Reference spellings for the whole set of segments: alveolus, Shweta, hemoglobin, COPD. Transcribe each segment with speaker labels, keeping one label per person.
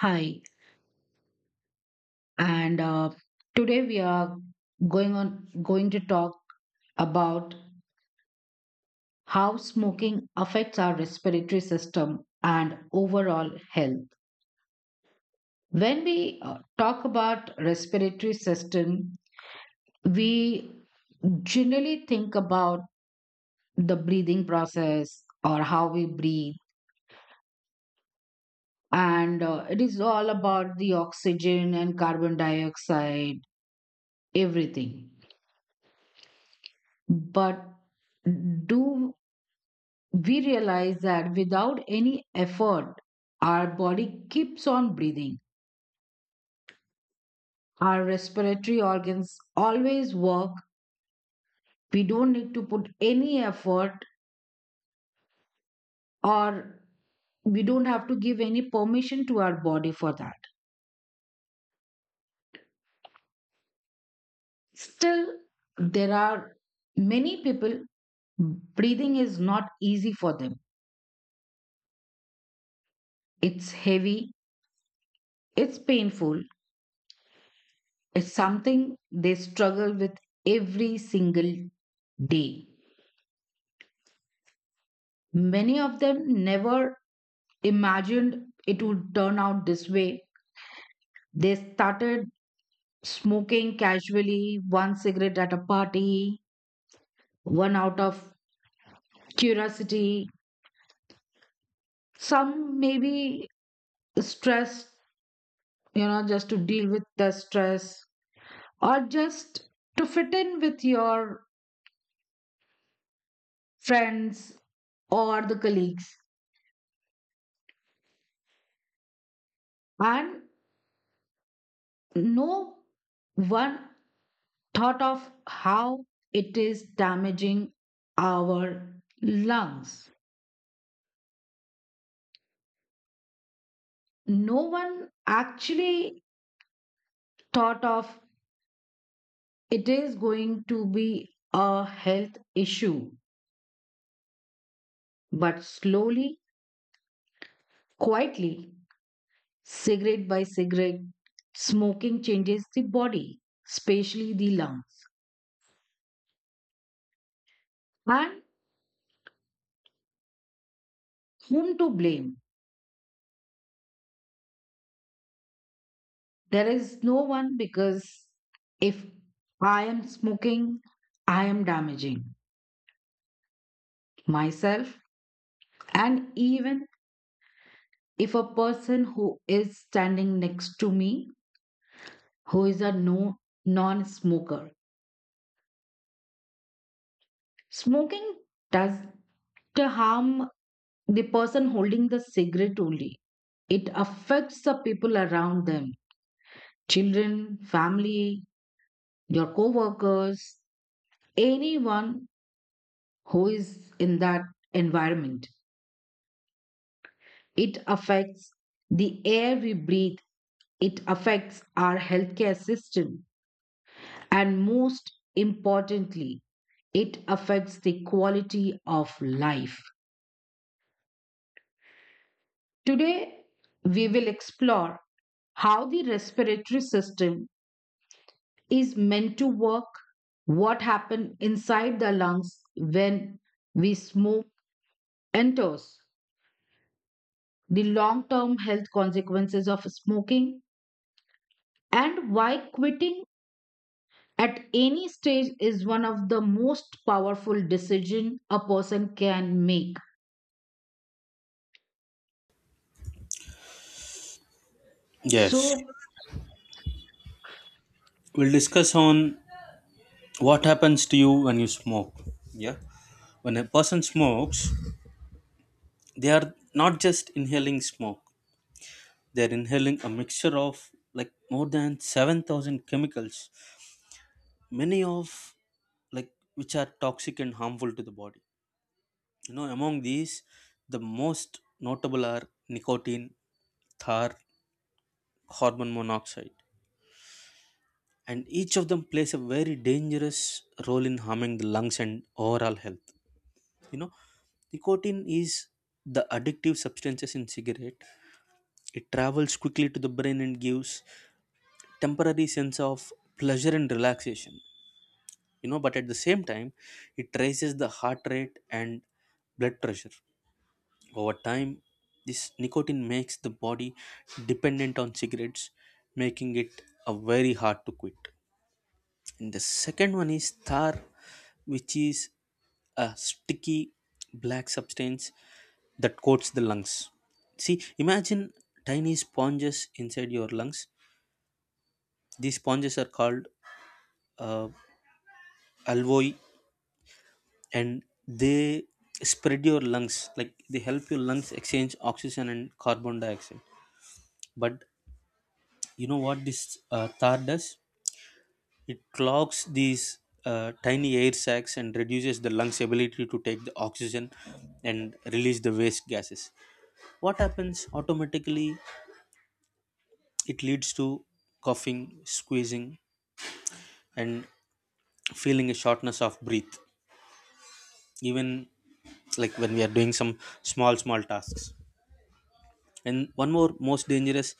Speaker 1: Hi, and today we are going to talk about how smoking affects our respiratory system and overall health. When we talk about respiratory system, we generally think about the breathing process or how we breathe, and it is all about the oxygen and carbon dioxide, everything. But do we realize that without any effort, our body keeps on breathing. Our respiratory organs always work. We don't need to put any effort or we don't have to give any permission to our body for that. Still, there are many people, breathing is not easy for them. It's heavy, it's painful, it's something they struggle with every single day. Many of them never imagined it would turn out this way. They started smoking casually, one cigarette at a party, one out of curiosity. Some maybe stress, just to deal with the stress, or just to fit in with your friends or the colleagues. And no one thought of how it is damaging our lungs. No one actually thought of it is going to be a health issue, but slowly, quietly, cigarette by cigarette, smoking changes the body, especially the lungs. And whom to blame? There is no one because if I am smoking, I am damaging myself. And even if a person who is standing next to me, who is a no non smoker, smoking does to harm the person holding the cigarette only. It affects the people around them, children, family, your co workers, anyone who is in that environment. It affects the air we breathe, it affects our healthcare system. And most importantly, it affects the quality of life. Today, we will explore how the respiratory system is meant to work, what happens inside the lungs when we smoke and toss, the long term health consequences of smoking, and why quitting at any stage is one of the most powerful decisions a person can make.
Speaker 2: Yes.
Speaker 1: So,
Speaker 2: We'll discuss on what happens to you when you smoke. Yeah. When a person smokes, they are not just inhaling smoke. They're inhaling a mixture of like more than 7,000 chemicals, many of like which are toxic and harmful to the body. Among these, the most notable are nicotine, tar, carbon monoxide, and each of them plays a very dangerous role in harming the lungs and overall health. you know Nicotine is the addictive substances in cigarette. It travels quickly to the brain and gives temporary sense of pleasure and relaxation. But at the same time, it raises the heart rate and blood pressure. Over time, this nicotine makes the body dependent on cigarettes, making it a very hard to quit. And the second one is tar, which is a sticky black substance that coats the lungs. See, imagine tiny sponges inside your lungs. These sponges are called uh, alveoli, and they spread your lungs, like they help your lungs exchange oxygen and carbon dioxide. But you know what this tar does. It clogs these tiny air sacs and reduces the lungs' ability to take the oxygen and release the waste gases. What happens automatically? It leads to coughing, squeezing, and feeling a shortness of breath, even like when we are doing some small, small tasks. And one more most dangerous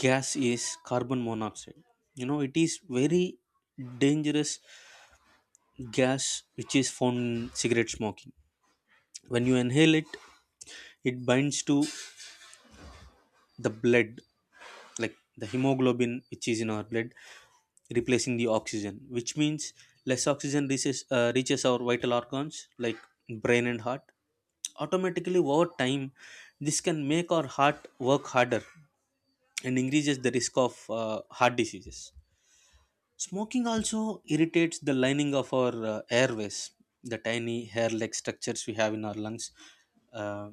Speaker 2: gas is carbon monoxide. It is very dangerous gas which is found in cigarette smoking. When you inhale it, it binds to the blood, like the hemoglobin which is in our blood, replacing the oxygen, which means less oxygen reaches our vital organs like brain and heart. Automatically, over time this can make our heart work harder and increases the risk of heart diseases. Smoking also irritates the lining of our airways. The tiny hair like structures we have in our lungs uh,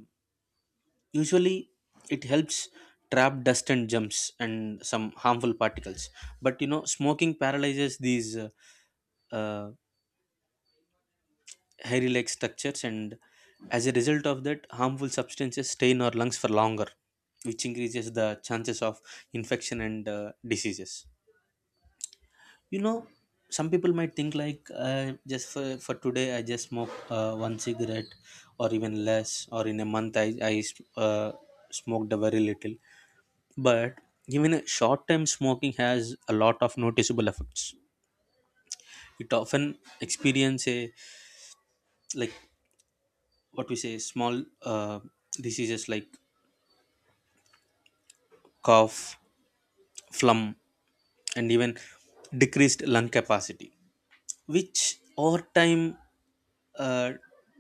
Speaker 2: usually, it helps trap dust and germs and some harmful particles. But smoking paralyzes these uh, hairy like structures, and as a result of that, harmful substances stay in our lungs for longer, which increases the chances of infection and diseases. you know some people might think, like, just for today I just smoke one cigarette or even less, or in a month I uh, smoked a very little. But even short term smoking has a lot of noticeable effects. It often experience a, like what we say, small diseases like cough, phlegm, and even decreased lung capacity, which over time uh,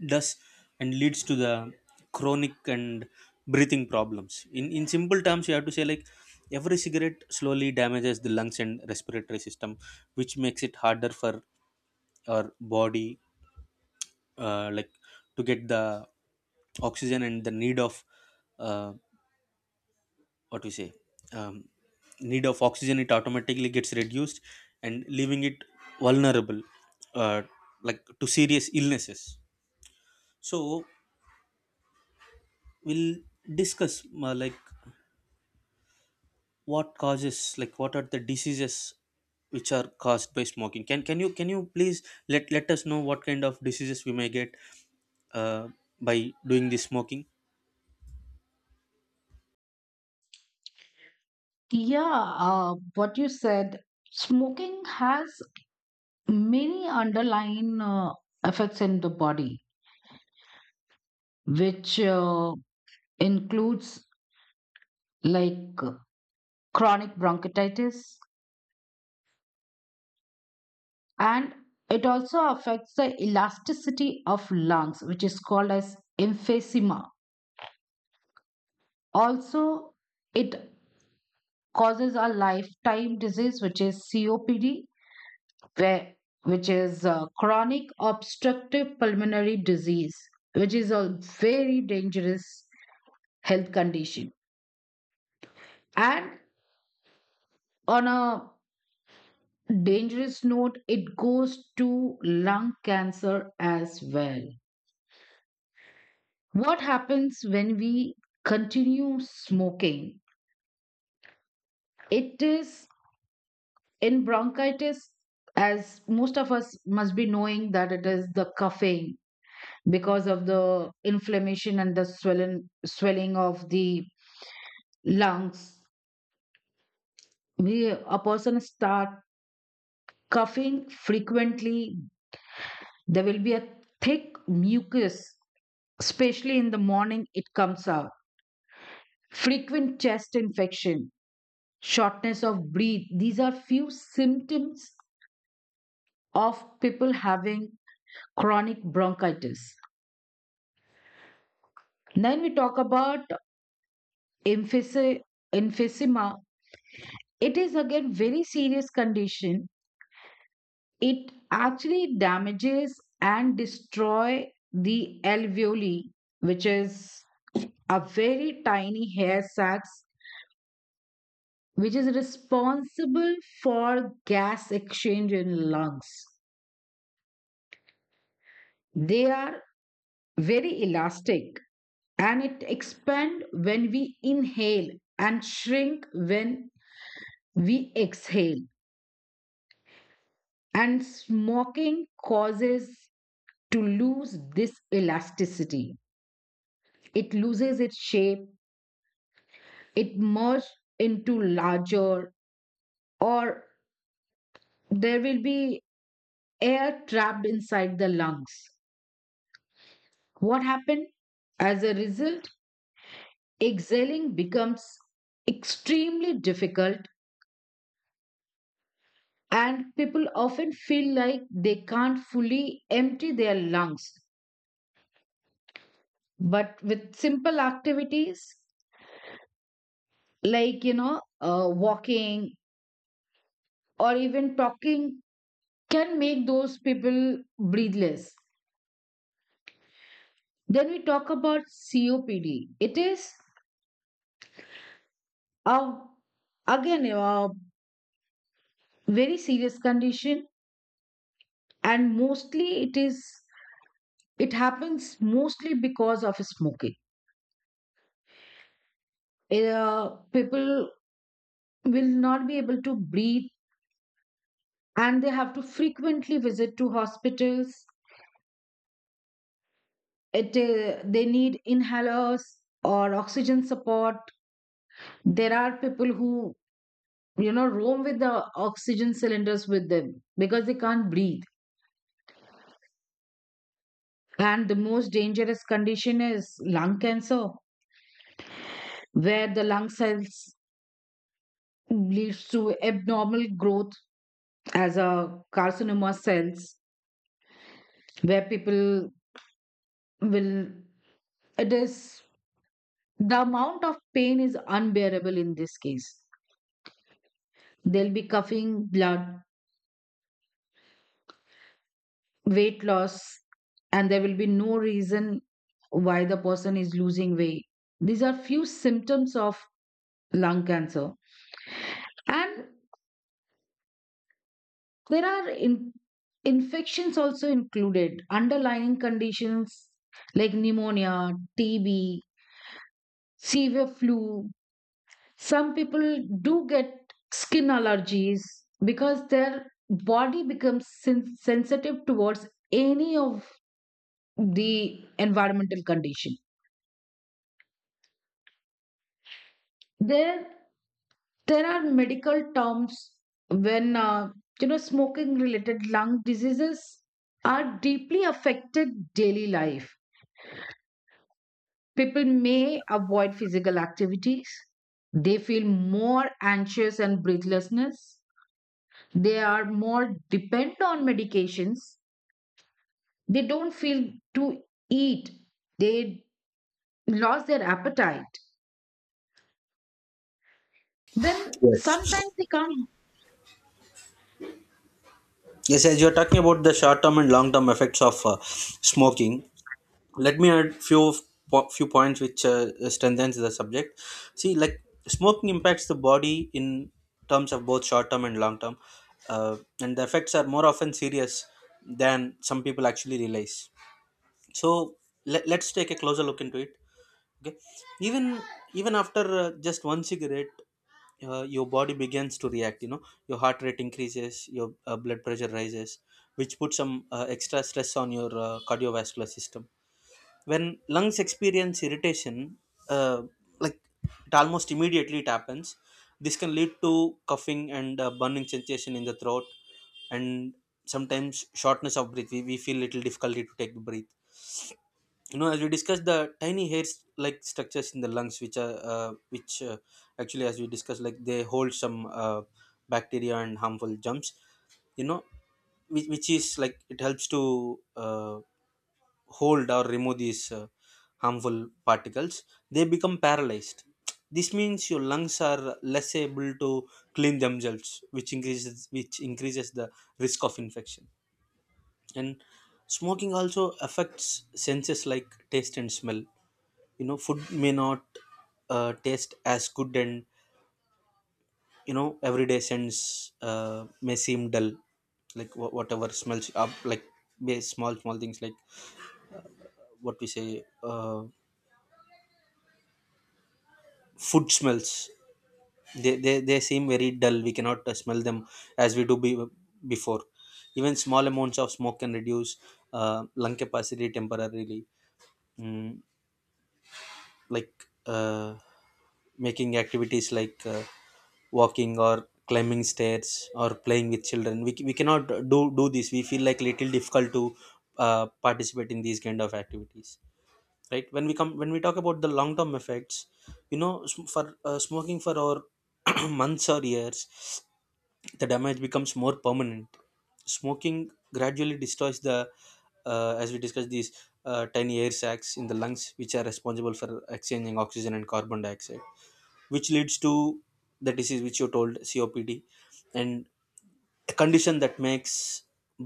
Speaker 2: does and leads to the chronic and breathing problems. In simple terms, you have to say, like, every cigarette slowly damages the lungs and respiratory system, which makes it harder for our body, like to get the oxygen, and the need of uh, what we say, um, need of oxygen, it automatically gets reduced and leaving it vulnerable, uh, like, to serious illnesses. So we'll discuss, like what causes, like what are the diseases which are caused by smoking. Can you please let us know what kind of diseases we may get uh, by doing this smoking?
Speaker 1: yeah, what you said, smoking has many underlying effects in the body, which includes like chronic bronchitis, and it also affects the elasticity of lungs, which is called as emphysema. Also, it causes a lifetime disease, which is COPD, where, which is chronic obstructive pulmonary disease, which is a very dangerous health condition. And on a dangerous note, it goes to lung cancer as well. What happens when we continue smoking? It is in bronchitis, as most of us must be knowing that it is the coughing because of the inflammation and the swelling of the lungs. A person start coughing frequently. There will be a thick mucus, especially in the morning. It comes out. Frequent chest infection, shortness of breath. These are few symptoms of people having chronic bronchitis. Then we talk about emphysema. emphysema. It is again very serious condition. It actually damages and destroy the alveoli, which is a very tiny hair sacs, which is responsible for gas exchange in lungs. They are very elastic and it expand when we inhale and shrink when we exhale, and smoking causes to lose this elasticity. It loses its shape, it merge into larger, or there will be air trapped inside the lungs. What happened as a result, exhaling becomes extremely difficult and people often feel like they can't fully empty their lungs. But with simple activities like walking or even talking can make those people breathe less. Then we talk about COPD. It is a, again a very serious condition, and mostly it is it happens mostly because of smoking. People will not be able to breathe, and they have to frequently visit to hospitals. It they need inhalers or oxygen support. There are people who roam with the oxygen cylinders with them because they can't breathe. And the most dangerous condition is lung cancer, where the lung cells leads to abnormal growth as a carcinoma cells, where people will, it is, the amount of pain is unbearable in this case. They'll be coughing blood, weight loss, and there will be no reason why the person is losing weight. These are few symptoms of lung cancer. And there are infections also included, underlying conditions like pneumonia, TB, severe flu. Some people do get skin allergies because their body becomes sensitive towards any of the environmental condition. There, there are medical terms when smoking related lung diseases are deeply affected daily life. People may avoid physical activities. They feel more anxious and breathlessness. They are more dependent on medications. They don't feel to eat. They lost their appetite. Then sometimes
Speaker 2: Yes.
Speaker 1: they can't.
Speaker 2: Yes, as you're talking about the short term and long term effects of smoking, let me add few few points which strengthens the subject. See, like, smoking impacts the body in terms of both short term and long term, and the effects are more often serious than some people actually realize. So, let's take a closer look into it. Okay. Even even after just one cigarette, your body begins to react. Your heart rate increases, your blood pressure rises, which puts some extra stress on your cardiovascular system. When lungs experience irritation, uh, like it almost immediately it happens. This can lead to coughing and burning sensation in the throat, and sometimes shortness of breath. We feel little difficulty to take the breath. As we discussed, the tiny hairs like structures in the lungs which are which actually, as we discussed, like they hold some bacteria and harmful germs. you know which is like it helps to uh, hold or remove these harmful particles, they become paralyzed. This means your lungs are less able to clean themselves, which increases the risk of infection. And smoking also affects senses like taste and smell. Food may not taste as good, and everyday sense may seem dull, like whatever smells up, like small small things, like what we say, food smells, they seem very dull. We cannot smell them as we do before. Even small amounts of smoke can reduce lung capacity temporarily, mm, like uh, making activities like walking or climbing stairs or playing with children. We cannot do this. We feel like little difficult to participate in these kind of activities. Right. When we talk about the long term effects, sm- for smoking for our months or years, the damage becomes more permanent. Smoking gradually destroys the, as we discussed, these tiny air sacs in the lungs which are responsible for exchanging oxygen and carbon dioxide, which leads to the disease which you told COPD, and a condition that makes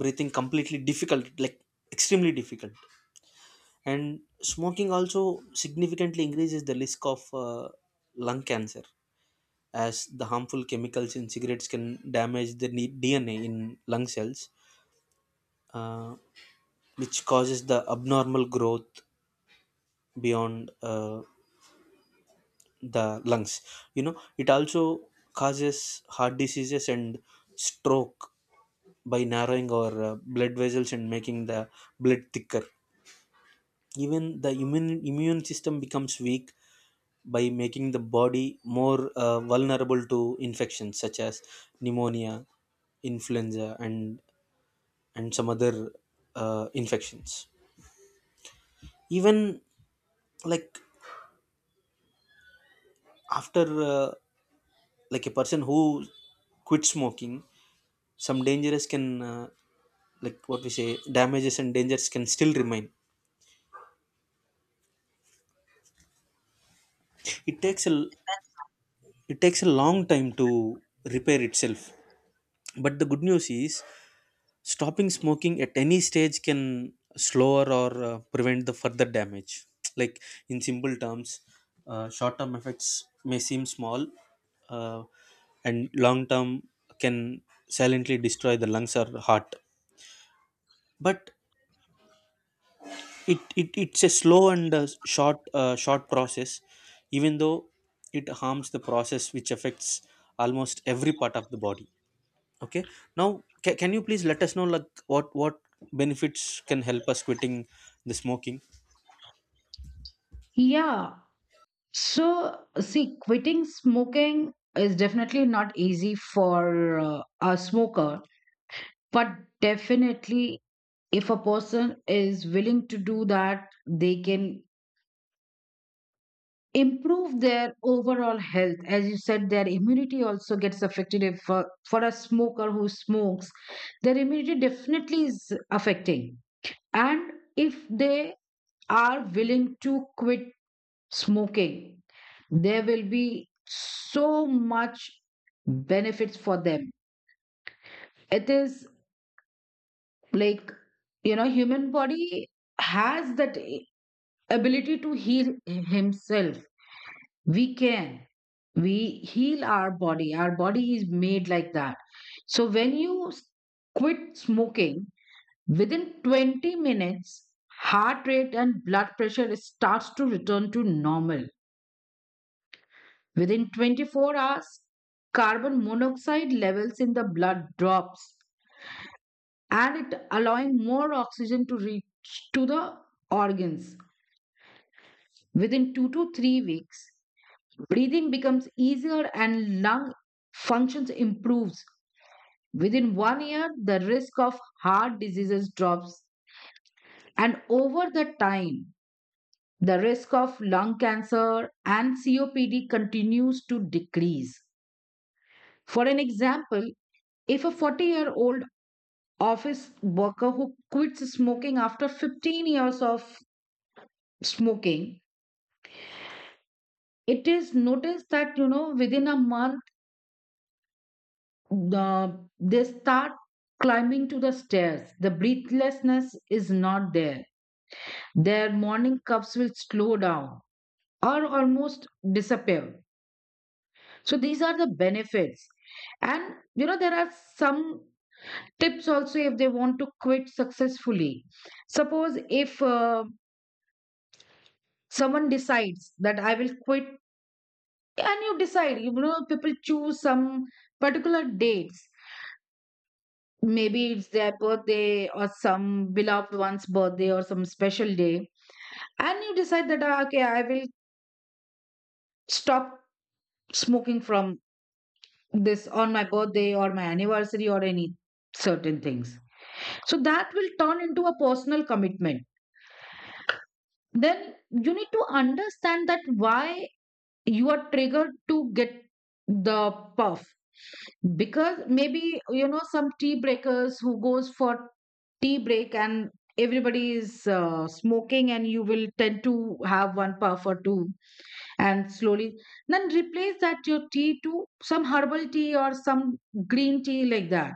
Speaker 2: breathing completely difficult, like extremely difficult. And smoking also significantly increases the risk of lung cancer, as the harmful chemicals in cigarettes can damage the DNA in lung cells, uh, which causes the abnormal growth beyond the lungs. It also causes heart diseases and stroke by narrowing our blood vessels and making the blood thicker. Even the immune system becomes weak by making the body more vulnerable to infections such as pneumonia, influenza, and some other infections. Even like after uh, like a person who quit smoking, some dangerous can, like what we say, damages and dangers can still remain. It takes a it takes a long time to repair itself, but the good news is, stopping smoking at any stage can slow or prevent the further damage. Like, in simple terms, short-term effects may seem small, uh, and long-term can silently destroy the lungs or heart. But it's a slow and short process, even though it harms the process which affects almost every part of the body. Okay. Now, can you please let us know, like, what benefits can help us quitting the smoking?
Speaker 1: Yeah. So, see, quitting smoking is definitely not easy for a smoker, but definitely if a person is willing to do that, they can improve their overall health. As you said their immunity also gets affected. If for a smoker who smokes, their immunity definitely is affecting. And if they are willing to quit smoking, there will be so much benefits for them. It is like, you know, human body has that ability to heal himself. We can we heal our body, our body is made like that. So when you quit smoking, within 20 minutes heart rate and blood pressure starts to return to normal. Within 24 hours, carbon monoxide levels in the blood drops and it allowing more oxygen to reach to the organs. Within 2 to 3 weeks, breathing becomes easier and lung functions improves. Within one year, the risk of heart diseases drops. And over the time, the risk of lung cancer and COPD continues to decrease. For an example, if a 40-year-old office worker who quits smoking after 15 years of smoking, it is noticed that, you know, within a month, they start climbing to the stairs. The breathlessness is not there. Their morning cups will slow down or almost disappear. So these are the benefits. And you know, there are some tips also if they want to quit successfully. Suppose if someone decides that I will quit, and you decide, you know, people choose some particular dates, maybe it's their birthday or some beloved one's birthday or some special day, and you decide that, "Ah, okay, I will stop smoking from this, on my birthday or my anniversary or any certain things," so that will turn into a personal commitment. Then you need to understand that why you are triggered to get the puff, because maybe you know some tea breakers who goes for tea break and everybody is smoking and you will tend to have one puff or two. And slowly then replace that your tea to some herbal tea or some green tea like that,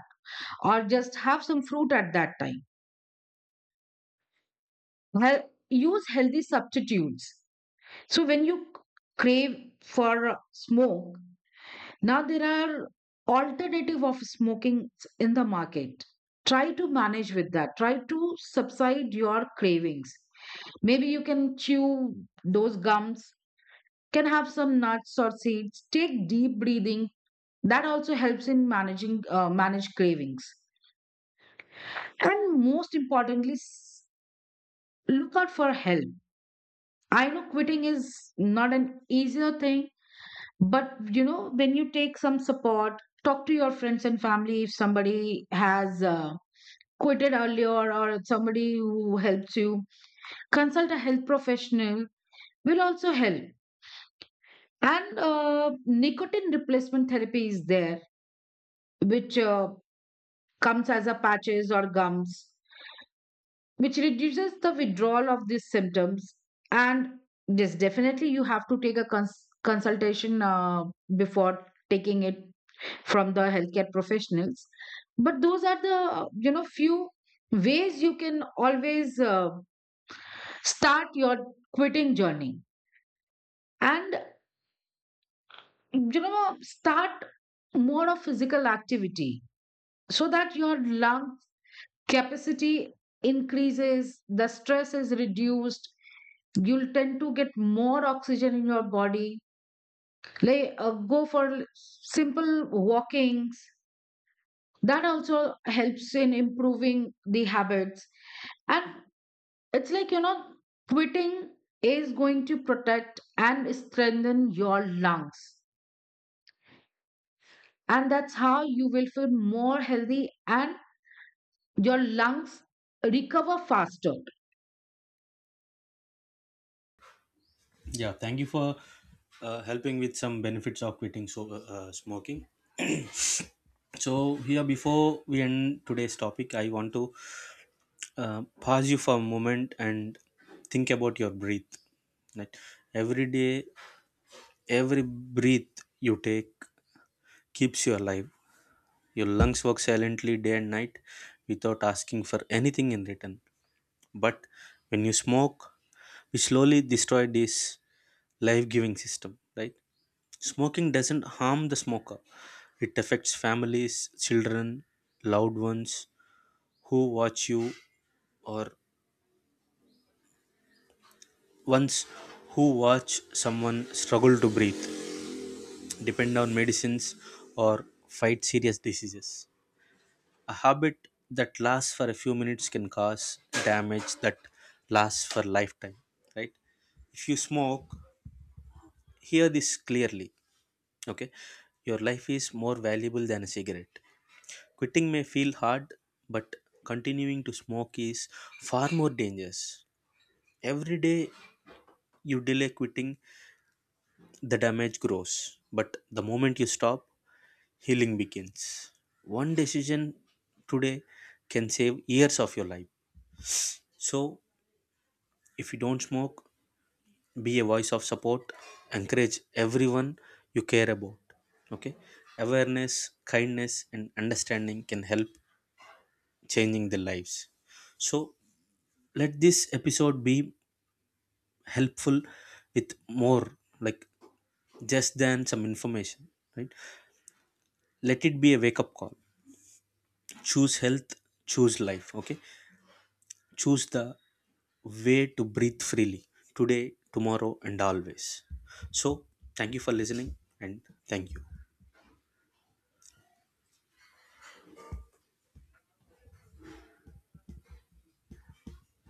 Speaker 1: or just have some fruit at that time. Use healthy substitutes, so when you crave for smoke, now there are alternative of smoking in the market, try to manage with that, try to subside your cravings. Maybe you can chew those gums, can have some nuts or seeds, take deep breathing. That also helps in managing manage cravings. And most importantly, look out for help. I know quitting is not an easier thing, but you know, when you take some support, talk to your friends and family if somebody has quitted earlier or somebody who helps you, consult a health professional will also help. And nicotine replacement therapy is there, which comes as a patches or gums, which reduces the withdrawal of these symptoms. And yes, definitely you have to take a consultation before taking it from the healthcare professionals. But those are the, you know, few ways you can always start your quitting journey, and you know start more of physical activity so that your lung capacity increases, the stress is reduced, you'll tend to get more oxygen in your body. Like go for simple walkings. That also helps in improving the habits. And it's like, you know, quitting is going to protect and strengthen your lungs. And that's how you will feel more healthy and your lungs recover faster.
Speaker 2: Yeah. Thank you for helping with some benefits of quitting smoking. So here, before we end today's topic, I want to pause you for a moment and think about your breath. Right. Every day, every breath you take keeps you alive. Your lungs work silently day and night without asking for anything in return. But when you smoke, which slowly destroyed this life giving system, right? Smoking doesn't harm the smoker, it affects families, children, loved ones who watch you, or ones who watch someone struggle to breathe, depend on medicines, or fight serious diseases. A habit that lasts for a few minutes can cause damage that lasts for lifetime, right? If you smoke, hear this clearly. Okay, your life is more valuable than a cigarette. Quitting may feel hard, but continuing to smoke is far more dangerous. Every day you delay quitting, the damage grows. But the moment you stop, healing begins. One decision today can save years of your life. So, if you don't smoke, be a voice of support, encourage everyone you care about. Okay, awareness, kindness, and understanding can help changing their lives. So let this episode be helpful with more, like, just than some information, right? Let it be a wake up call. Choose health, choose life, okay? Choose the way to breathe freely today, tomorrow, and always. So thank you for listening, and thank you.